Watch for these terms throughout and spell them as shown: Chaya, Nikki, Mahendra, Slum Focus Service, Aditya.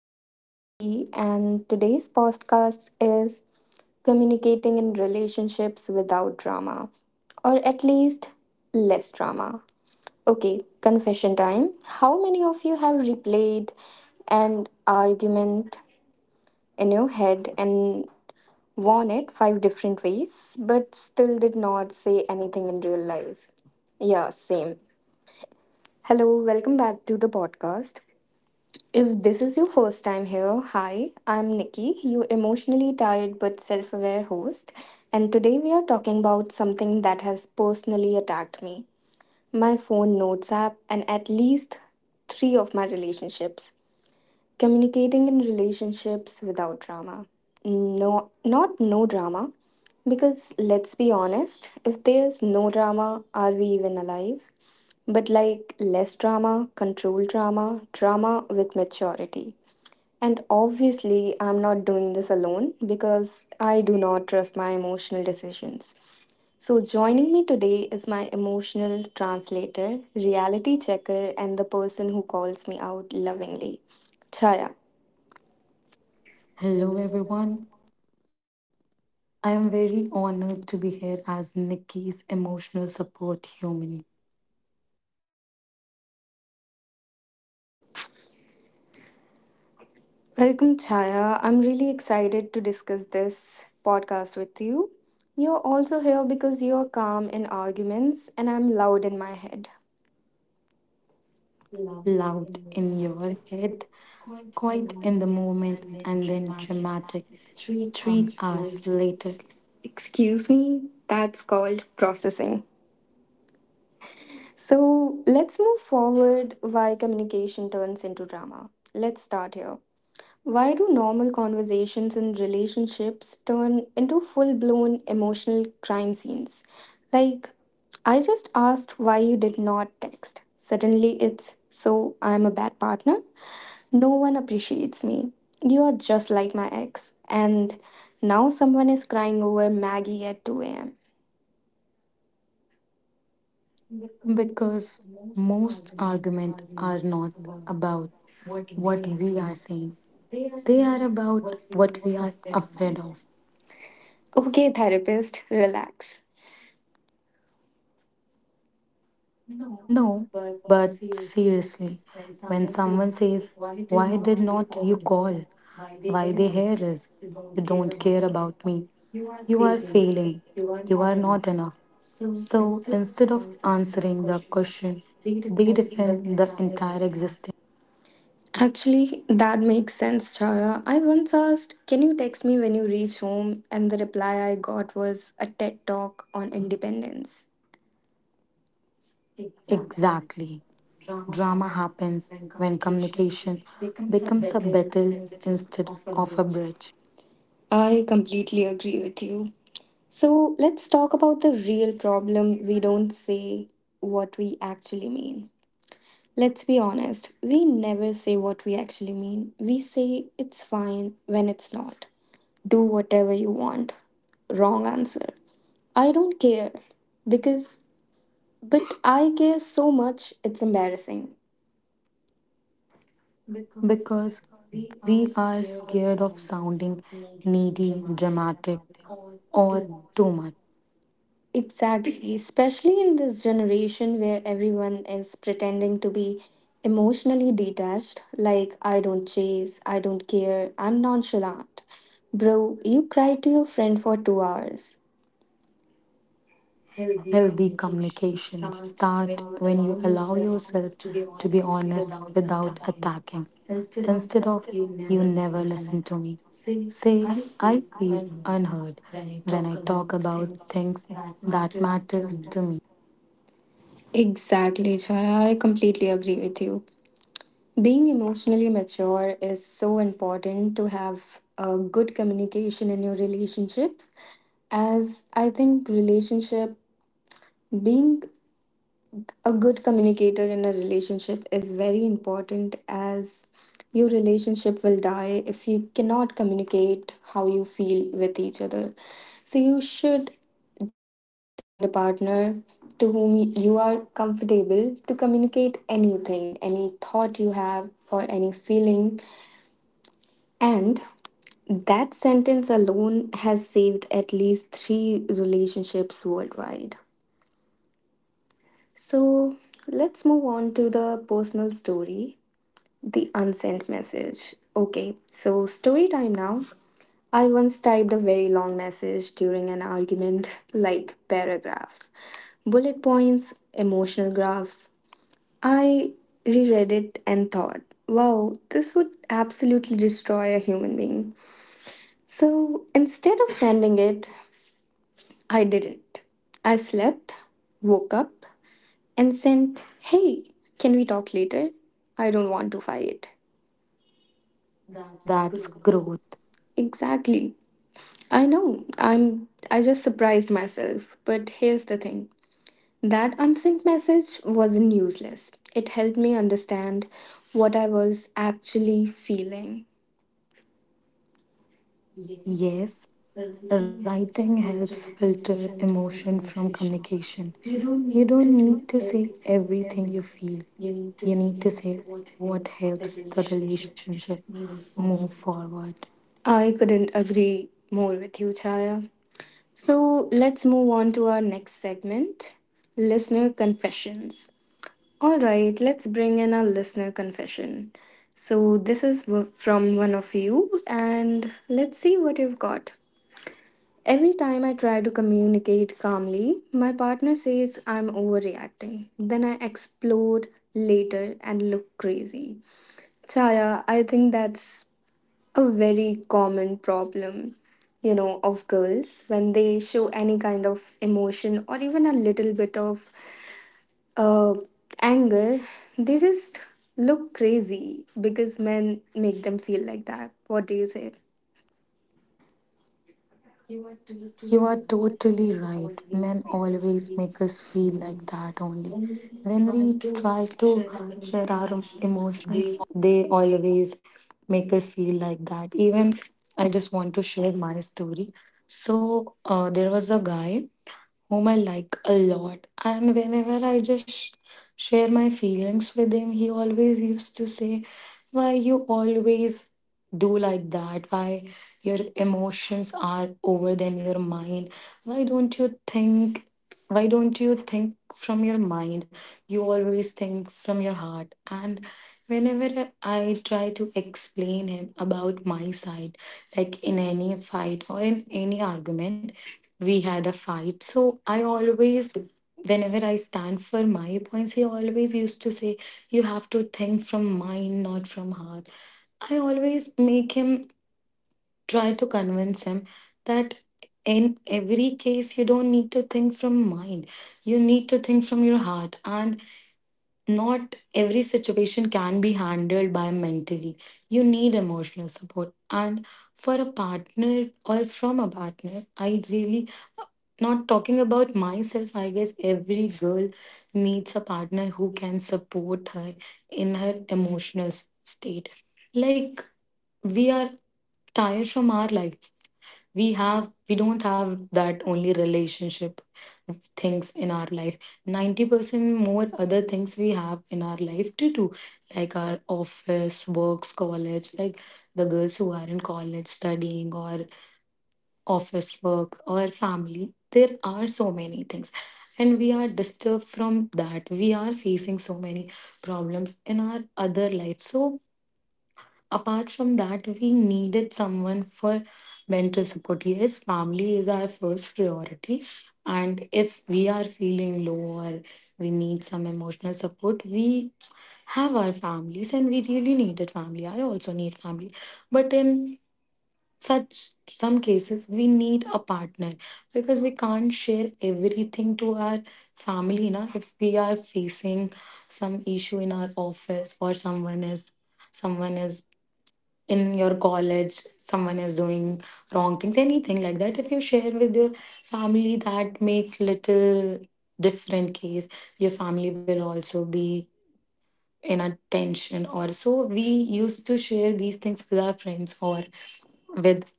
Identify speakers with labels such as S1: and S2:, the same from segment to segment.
S1: This is Nikki and today's podcast is communicating in relationships without drama or at least less drama. Okay, confession time. How many of you have replayed an argument in your head and won it five different ways but still did not say anything in real life? Yeah, same. Hello, welcome back to the podcast. If this is your first time here, hi, I'm Nikki, your emotionally tired but self aware host, and today we are talking about something that has personally attacked me my phone notes app and at least three of my relationships. Communicating in relationships without drama. No, not no drama, because let's be honest, if there's no drama, are we even alive? But like less drama, controlled drama, drama with maturity. And obviously, I'm not doing this alone because I do not trust my emotional decisions. So, joining me today is my emotional translator, reality checker, and the person who calls me out lovingly, Chaya.
S2: Hello, everyone. I am very honored to be here as Nikki's emotional support human.
S1: Welcome, Chaya. I'm really excited to discuss this podcast with you. You're also here because you're calm in arguments and I'm loud in my head.
S2: Loud in your head, quiet in the moment, and then dramatic 3 hours later.
S1: Excuse me, that's called processing. So let's move forward why communication turns into drama. Let's start here. Why do normal conversations in relationships turn into full blown emotional crime scenes? Like, I just asked why you did not text. Suddenly it's so I'm a bad partner. No one appreciates me. You're just like my ex. And now someone is crying over Maggie at 2 a.m.
S2: Because most arguments are not about what we are saying, they are about what we are afraid of.
S1: Okay, therapist, relax.
S2: No, but seriously, when someone says, why did not you call? Why they hear is, you don't care about me. You are failing. You are not enough. So instead of answering the question, they defend the entire existence.
S1: Actually, that makes sense, Chaya. I once asked, can you text me when you reach home? And the reply I got was a TED talk on independence.
S2: Exactly. Drama happens when communication becomes a battle instead of a bridge.
S1: I completely agree with you. So let's talk about the real problem. We don't say what we actually mean. Let's be honest, we never say what we actually mean. We say it's fine when it's not. Do whatever you want. Wrong answer. I don't care because But I care so much, it's embarrassing.
S2: Because we are scared of sounding needy, dramatic, or too much.
S1: Exactly, especially in this generation where everyone is pretending to be emotionally detached, like I don't chase, I don't care, I'm nonchalant. Bro, you cried to your friend for 2 hours.
S2: Healthy communication start when you allow yourself to be honest without attacking. Instead of you never listen to me, say I feel unheard when I talk about things that matters to me.
S1: Exactly, Chaya. I completely agree with you. Being emotionally mature is so important to have a good communication in your relationships, as I think relationship being a good communicator in a relationship is very important as your relationship will die if you cannot communicate how you feel with each other. So, you should definitely find a partner to whom you are comfortable to communicate anything, any thought you have, or any feeling. And that sentence alone has saved at least three relationships worldwide. So let's move on to the personal story, the unsent message. Okay, so story time now. I once typed a very long message during an argument, like paragraphs, bullet points, emotional graphs. I reread it and thought, wow, this would absolutely destroy a human being. So instead of sending it, I didn't. I slept, woke up, and sent, hey, can we talk later? I don't want to fight.
S2: That's growth.
S1: Exactly. I know. I just surprised myself. But here's the thing. That unsent message wasn't useless. It helped me understand what I was actually feeling.
S2: Yes, writing helps filter emotion from communication. You don't need to say everything you feel. You need to say what helps the relationship move forward.
S1: I couldn't agree more with you, Chaya. So let's move on to our next segment listener confessions. All right, let's bring in a listener confession. So, this is from one of you, and let's see what you've got. Every time I try to communicate calmly, my partner says I'm overreacting. Then I explode later and look crazy. Chaya, I think that's a very common problem, you know, of girls when they show any kind of emotion or even a little bit of uh, anger, they just look crazy because men make them feel like that. What do you say?
S2: You are totally right. Men always make us feel like that only. When we try to share our emotions, they always make us feel like that. Even I just want to share my story. So, there was a guy whom I like a lot. And whenever I just share my feelings with him, he always used to say, why you always do like that? Why your emotions are over than your mind? Why don't you think? Why don't you think from your mind? You always think from your heart. And whenever I try to explain him about my side, like in any fight or in any argument, we had a fight. So I always, whenever I stand for my points, he always used to say, you have to think from mind, not from heart. I always make him try to convince him that in every case, you don't need to think from mind, you need to think from your heart. And not every situation can be handled by mentally. You need emotional support. And for a partner or from a partner, I really, not talking about myself, I guess every girl needs a partner who can support her in her emotional state. Like, we are tired from our life, we don't have that only relationship things in our life, 90% more other things we have in our life to do, like our office works, college, like the girls who are in college studying or office work or family, there are so many things, and we are disturbed from that, we are facing so many problems in our other life. So apart from that, we needed someone for mental support. Yes, family is our first priority. And if we are feeling low or we need some emotional support, we have our families and we really needed family. I also need family. But in such some cases, we need a partner because we can't share everything to our family. Na? If we are facing some issue in our office or someone is in your college, someone is doing wrong things, anything like that, if you share with your family, that make little different case, your family will also be in a tension. Or so we used to share these things with our friends or with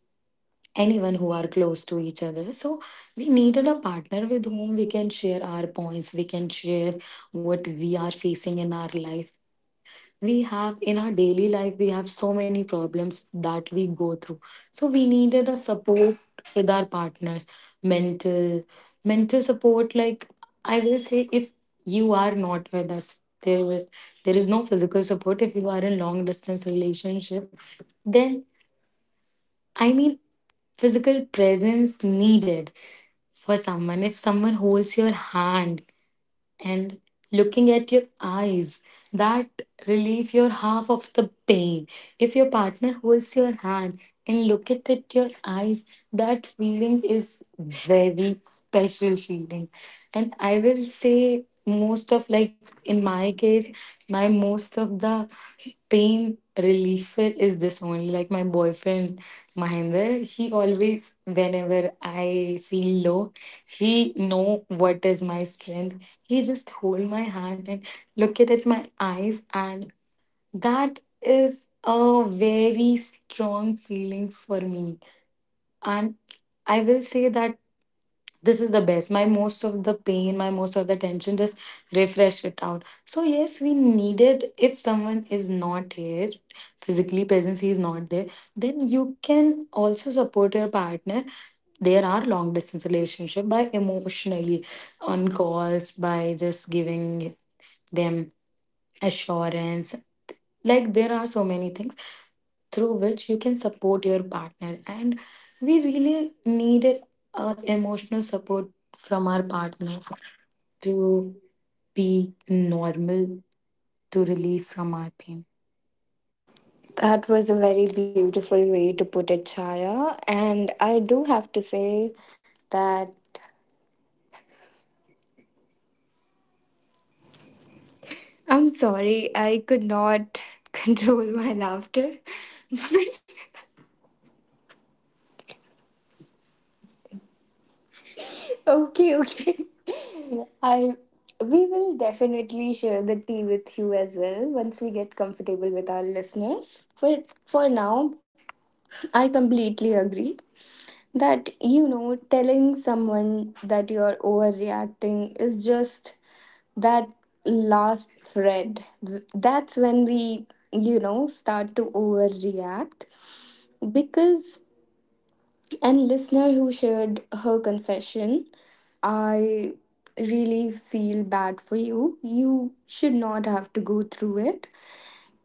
S2: anyone who are close to each other. So we needed a partner with whom we can share our points, we can share what we are facing in our life, we have in our daily life, we have so many problems that we go through. So we needed a support with our partners, mental mental support. Like I will say if you are not with us, there will there is no physical support. If you are in long distance relationship, then I mean physical presence needed for someone. If someone holds your hand and looking at your eyes, that relieve your half of the pain. If your partner holds your hand and look at it your eyes, that feeling is very special feeling. And I will say most of, like in my case, my most of the pain reliever is this only. Like my boyfriend Mahendra, he always, whenever I feel low, he know what is my strength. He just hold my hand and look it at my eyes, and that is a very strong feeling for me. And I will say that this is the best, my most of the pain, my most of the tension just refresh it out. So yes, we needed, if someone is not here physically presence, he is not there, then you can also support your partner. There are long distance relationship by emotionally, on calls, by just giving them assurance. Like there are so many things through which you can support your partner, and we really needed emotional support from our partners to be normal, to relieve from our pain.
S1: That was a very beautiful way to put it, Chaya. And I do have to say that I'm sorry, I could not control my laughter. okay, okay. I We will definitely share the tea with you as well once we get comfortable with our listeners. But for now, I completely agree that, you know, telling someone that you're overreacting is just that last thread. That's when we, you know, start to overreact. Because an listener who shared her confession, I really feel bad for you. You should not have to go through it.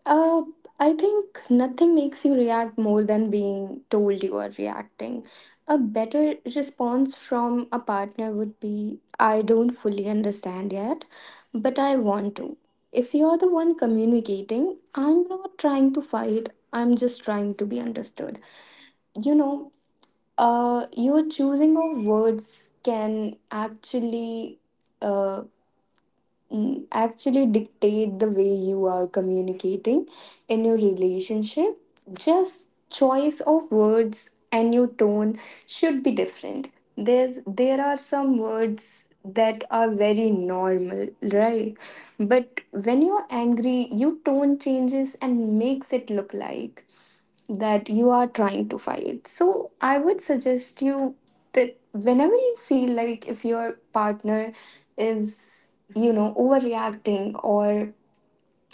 S1: Uh, I think nothing makes you react more than being told you are reacting. A better response from a partner would be I don't fully understand yet, but I want to. If you're the one communicating, I'm not trying to fight, I'm just trying to be understood. You know, your choosing of words can Uh, actually dictate the way you are communicating in your relationship. Just choice of words and your tone should be different. There are some words that are very normal, right? But when you're angry, your tone changes and makes it look like that you are trying to fight. So I would suggest you that whenever you feel like if your partner is, you know, overreacting or,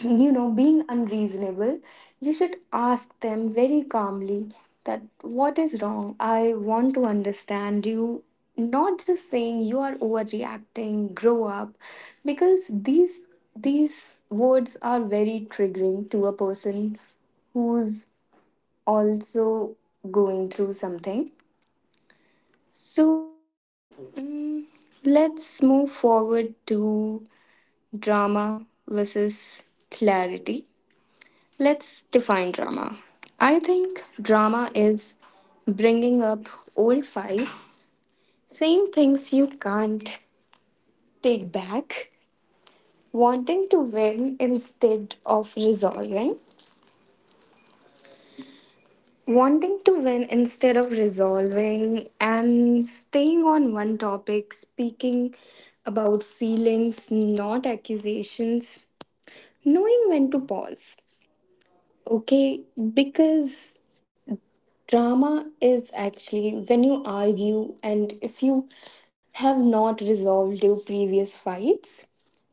S1: you know, being unreasonable, you should ask them very calmly that what is wrong? I want to understand you. Not just saying you are overreacting, grow up, because these words are very triggering to a person who's also going through something. So mm, let's move forward to drama versus clarity. Let's define drama. I think drama is bringing up old fights, saying things you can't take back, wanting to win instead of resolving, wanting to win instead of resolving and staying on one topic, speaking about feelings, not accusations, knowing when to pause. Okay, because drama is actually when you argue and if you have not resolved your previous fights,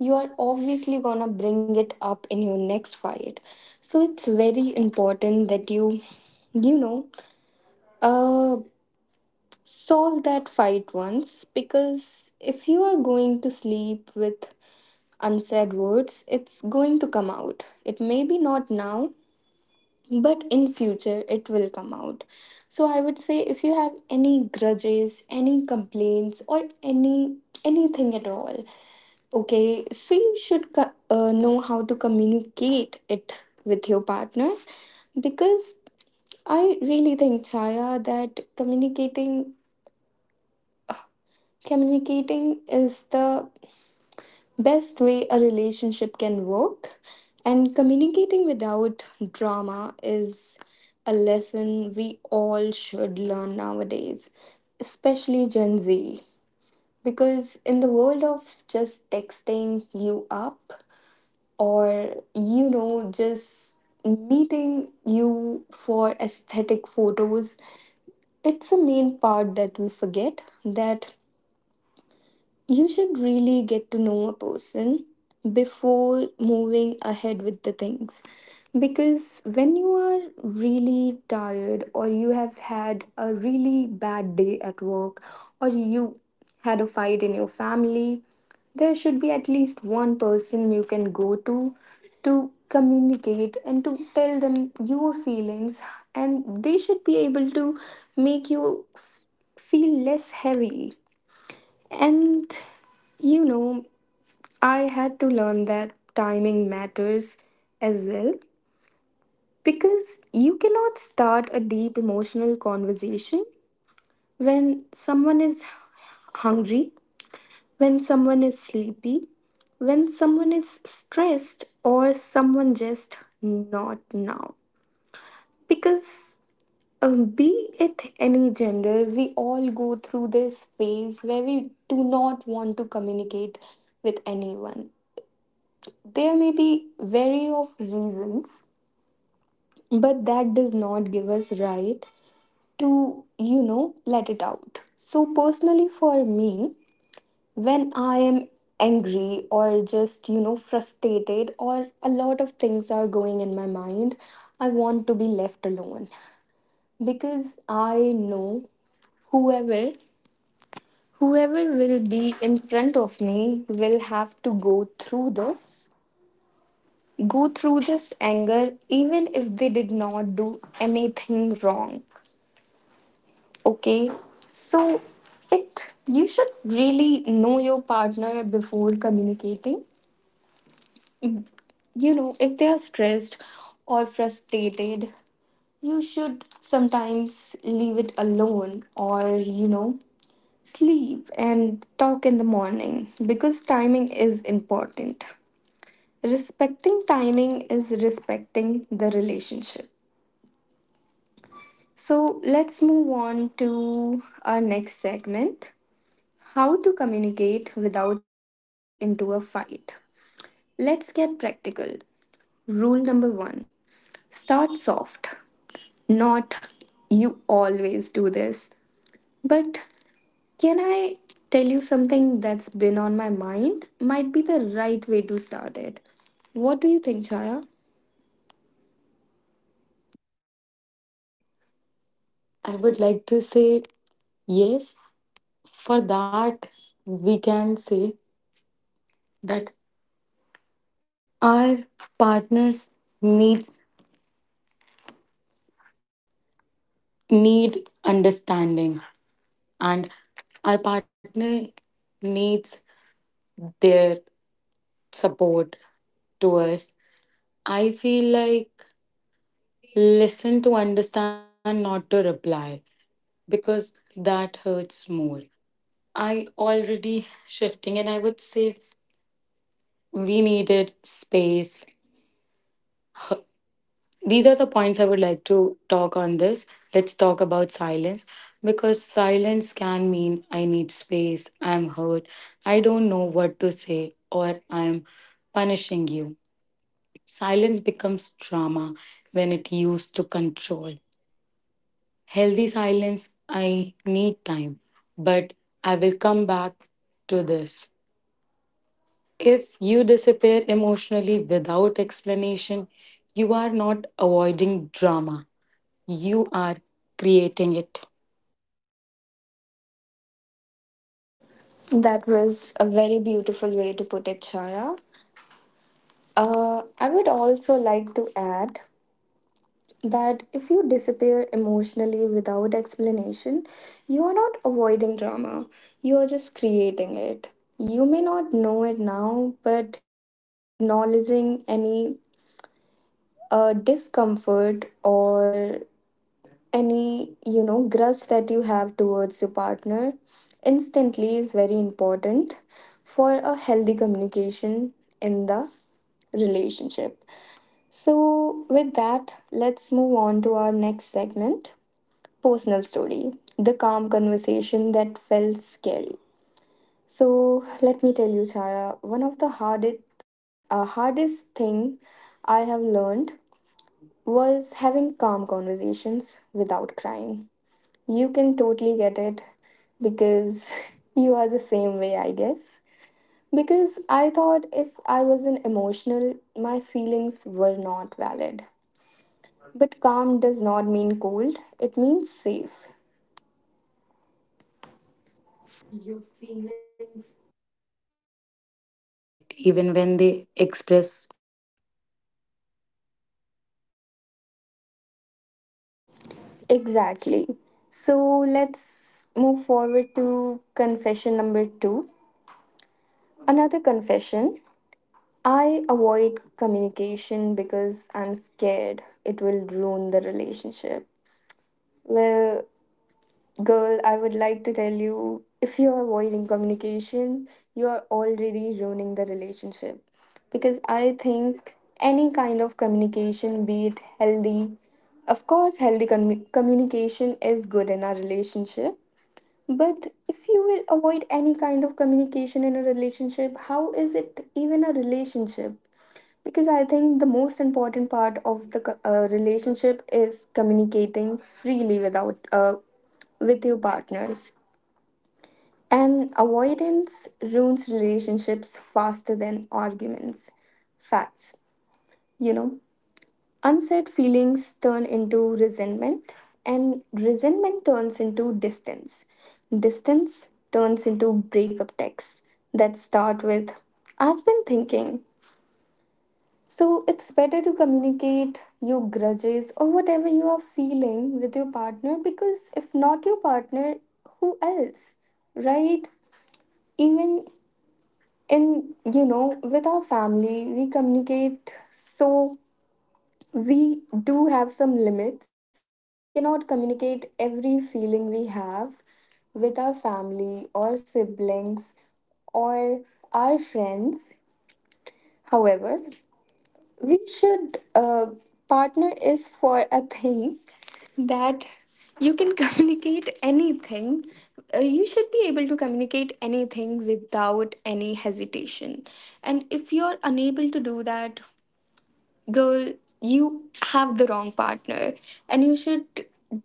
S1: you are obviously gonna bring it up in your next fight. So it's very important that you know, uh. solve that fight once, because if you are going to sleep with unsaid words, it's going to come out. It may be not now, but in future it will come out. So I would say if you have any grudges, any complaints, or any anything at all, okay, so you should know how to communicate it with your partner, because I really think, Chaya, that communicating is the best way a relationship can work, and communicating without drama is a lesson we all should learn nowadays, especially Gen Z. Because in the world of just texting you up or, you know, just meeting you for aesthetic photos, it's a main part that we forget that you should really get to know a person before moving ahead with the things. Because when you are really tired, or you have had a really bad day at work, or you had a fight in your family, there should be at least one person you can go to communicate and to tell them your feelings, and they should be able to make you feel less heavy and, you know, I had to learn that timing matters as well, because you cannot start a deep emotional conversation when someone is hungry, when someone is sleepy, when someone is stressed, or someone just not now. Because be it any gender, we all go through this phase where we do not want to communicate with anyone. There may be vary of reasons, but that does not give us right to, you know, let it out. So personally for me, when I am angry or just, you know, frustrated or a lot of things are going in my mind, I want to be left alone, because I know whoever whoever will be in front of me will have to go through this anger, even if they did not do anything wrong. Okay, so it you should really know your partner before communicating. You know, if they are stressed or frustrated, you should sometimes leave it alone, or, you know, sleep and talk in the morning, because timing is important. Respecting timing is respecting the relationship. So let's move on to our next segment how to communicate without turning it into a fight. Let's get practical. Rule number one start soft. Not you always do this, but can I tell you something that's been on my mind? Might be the right way to start it. What do you think, Chaya?
S2: I would like to say yes. For that, we can say that our partners needs need understanding, and our partner needs their support to us. I feel like listen to understand, not to reply, because that hurts more. I already shifting, and I would say we needed space. These are the points I would like to talk on this. Let's talk about silence because silence can mean I need space, I'm hurt, I don't know what to say, or I'm punishing you. Silence becomes drama when it used to control. Healthy silence, I need time, but I will come back to this. If you disappear emotionally without explanation, you are not avoiding drama, you are creating it.
S1: That was a very beautiful way to put it, Chaya. I would also like to add that if you disappear emotionally without explanation, you are not avoiding drama, you are just creating it. You may not know it now, but you know, acknowledging any discomfort or any, you know, grudge that you have towards your partner instantly is very important for a healthy communication in the relationship. So, with that, let's move on to our next segment. Personal story. The calm conversation that felt scary. So let me tell you, Chaya, one of the hardest thing I have learned was having calm conversations without crying. You can totally get it because you are the same way, I guess. Because I thought if I wasn't emotional, my feelings were not valid. But calm does not mean cold, it means safe.
S2: Your feelings deserve respect even when they express quietly.
S1: Exactly. So let's move forward to confession number two. Another confession: I avoid communication because I'm scared it will ruin the relationship. Well, girl, I would like to tell you, if you're avoiding communication, you're already ruining the relationship. Because I think any kind of communication, be it healthy, of course, healthy communication is good in our relationship. But if you will avoid any kind of communication in a relationship, how is it even a relationship? Because I think the most important part of the relationship is communicating freely without with your partners. And avoidance ruins relationships faster than arguments. Facts, you know. Unsaid feelings turn into resentment, and resentment turns into distance. Distance turns into breakup texts that start with, I've been thinking. So it's better to communicate your grudges or whatever you are feeling with your partner, because if not your partner, who else? Right? Even with our family, we communicate, so we do have some limits, that we cannot communicate every feeling we have with our family or siblings or our friends. However, we partner is for a thing that you can communicate anything. You should be able to communicate anything without any hesitation. And if you're unable to do that, girl, you have the wrong partner. And you should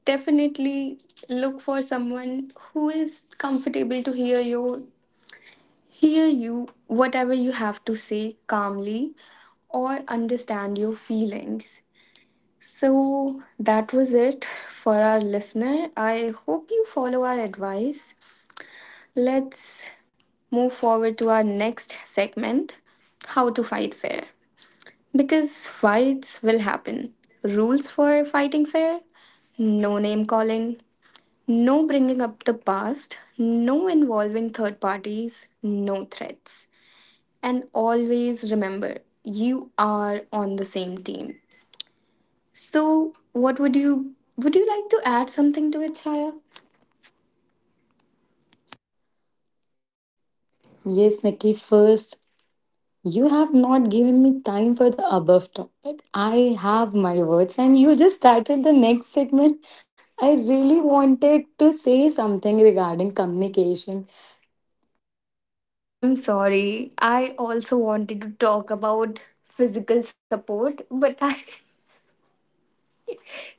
S1: definitely look for someone who is comfortable to hear you whatever you have to say calmly or understand your feelings. So that was it for our listener. I hope you follow our advice. Let's move forward to our next segment: how to fight fair. Because fights will happen. Rules for fighting fair: no name calling, no bringing up the past, no involving third parties, no threats. And always remember, you are on the same team. So, what would you like to add something to it, Chaya?
S2: Yes, Nikki, first, you have not given me time for the above topic. I have my words, and you just started the next segment. I really wanted to say something regarding communication.
S1: I'm sorry. I also wanted to talk about physical support, but I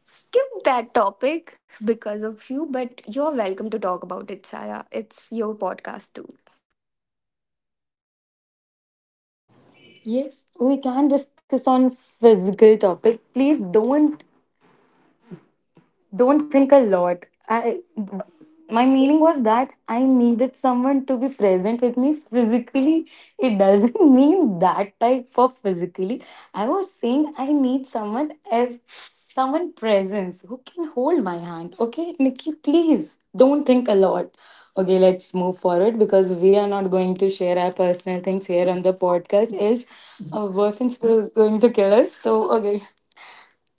S1: skip that topic because of you, but you're welcome to talk about it, Chaya. It's your podcast too.
S2: Yes, we can discuss on physical topic. Please don't think a lot. I, my meaning was that I needed someone to be present with me physically. It doesn't mean that type of physically. I was saying I need someone as someone presence who can hold my hand. Okay, Nikki, please don't think a lot. Okay, let's move forward because we are not going to share our personal things here on the podcast, else our boyfriends will going to kill us. So okay.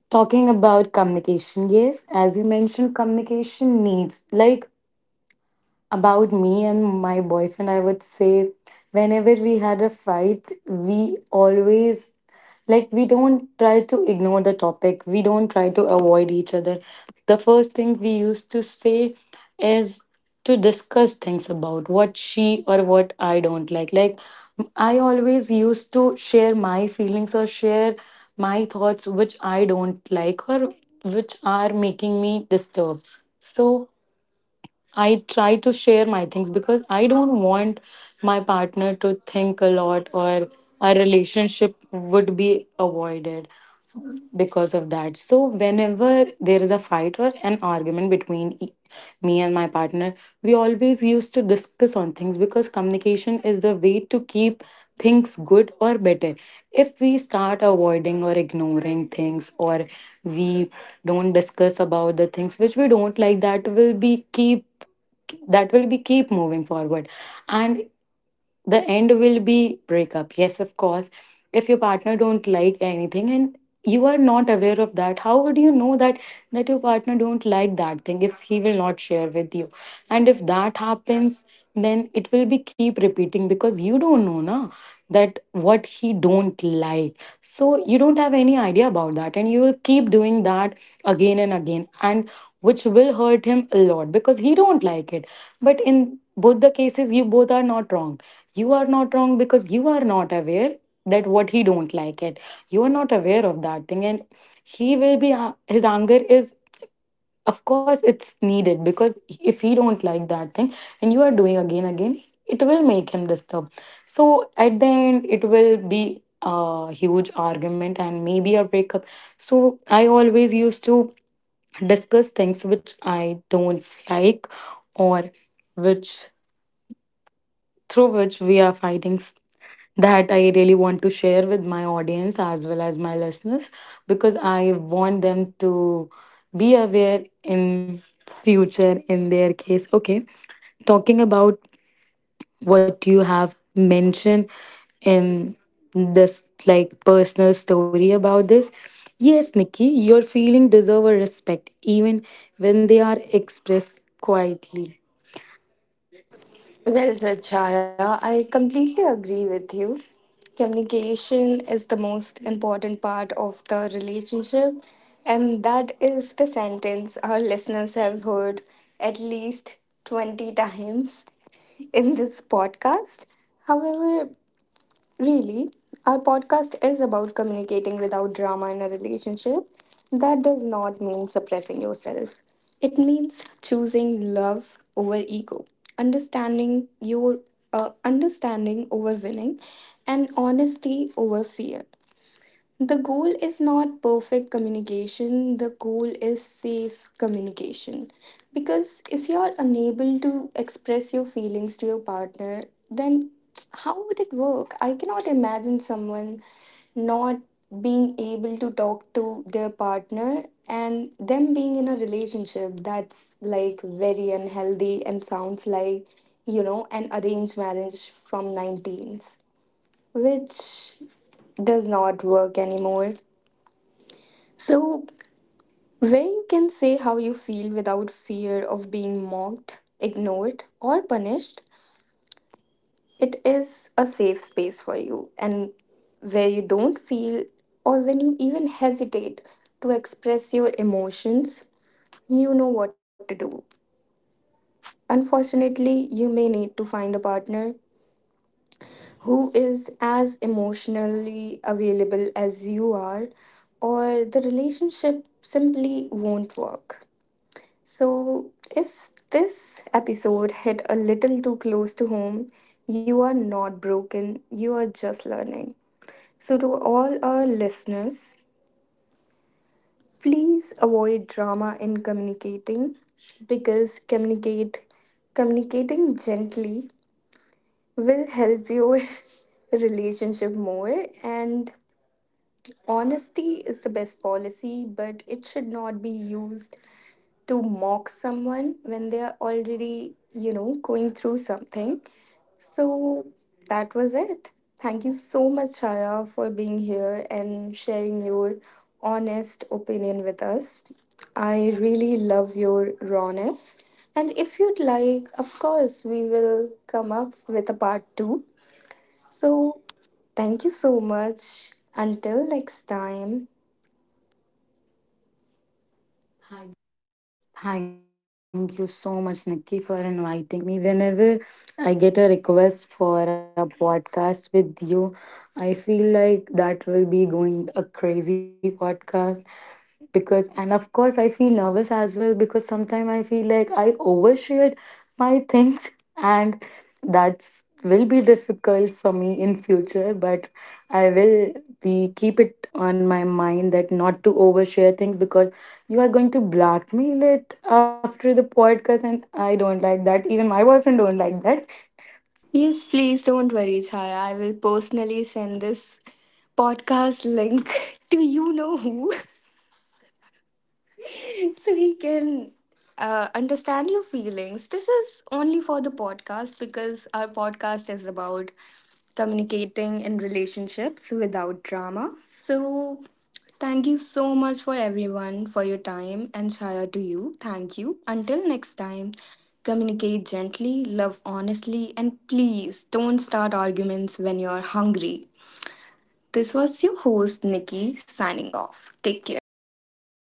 S2: Talking about communication, yes, as you mentioned, communication needs, like about me and my boyfriend, I would say whenever we had a fight, we always, like we don't try to ignore the topic. We don't try to avoid each other. The first thing we used to say is to discuss things about what she or what I don't like. Like I always used to share my feelings or share my thoughts which I don't like or which are making me disturbed. So I try to share my things because I don't want my partner to think a lot or our relationship would be avoided because of that. So whenever there is a fight or an argument between me and my partner, we always used to discuss on things because communication is the way to keep things good or better. If we start avoiding or ignoring things, or we don't discuss about the things which we don't like, that will be keep moving forward, and the end will be breakup. Yes, of course, if your partner don't like anything and you are not aware of that, how would you know that that your partner don't like that thing if he will not share with you? And if that happens, then it will be keep repeating because you don't know na that what he don't like. So you don't have any idea about that and you will keep doing that again and again, and which will hurt him a lot because he don't like it. But in both the cases, you both are not wrong. You are not wrong because you are not aware that what he don't like it. You are not aware of that thing, and he will be, his anger is of course it's needed, because if he don't like that thing and you are doing again again, it will make him disturbed. So at the end, it will be a huge argument and maybe a breakup. So I always used to discuss things which I don't like, or which, through which we are fighting s- that I really want to share with my audience as well as my listeners, because I want them to be aware in future in their case. Okay, talking about what you have mentioned in this, like personal story about this, yes, Nikki, your feeling deserve a respect even when they are expressed quietly.
S1: Well said, Chaya. I completely agree with you. Communication is the most important part of the relationship, and that is the sentence our listeners have heard at least 20 times in this podcast. However, really, our podcast is about communicating without drama in a relationship. That does not mean suppressing yourself, it means choosing love over ego, understanding your understanding over winning, and honesty over fear. The goal is not perfect communication, the goal is safe communication. Because if you're unable to express your feelings to your partner, then how would it work? I cannot imagine someone not being able to talk to their partner and them being in a relationship. That's like very unhealthy and sounds like, an arranged marriage from 19s, which does not work anymore. So, where you can say how you feel without fear of being mocked, ignored, or punished, it is a safe space for you. And where you don't feel, or when you even hesitate to express your emotions, you know what to do. Unfortunately, you may need to find a partner who is as emotionally available as you are, or the relationship simply won't work. So, if this episode hit a little too close to home, you are not broken, you are just learning. So, to all our listeners, please avoid drama in communicating, because communicate communicating gently will help your relationship more. And honesty is the best policy, but it should not be used to mock someone when they are already, going through something. So that was it. Thank you so much, Shaya, for being here and sharing your honest opinion with us. I really love your rawness. And if you'd like, of course, we will come up with a part two, so, thank you so much. Until next time.
S2: Thank you so much, Nikki, for inviting me. Whenever I get a request for a podcast with you, I feel like that will be going a crazy podcast. Because, and of course, I feel nervous as well because sometimes I feel like I overshared my things, and that's will be difficult for me in future. But I will be keep it on my mind that not to overshare things, because you are going to blackmail it after the podcast and I don't like that. Even my boyfriend don't like that.
S1: Yes, please don't worry, Chaya. I will personally send this podcast link to you know who. So he can understand your feelings. This is only for the podcast because our podcast is about communicating in relationships without drama. So, thank you so much for everyone for your time, and Shaya to you. Thank you. Until next time, communicate gently, love honestly, and please don't start arguments when you're hungry. This was your host, Nikki, signing off. Take care.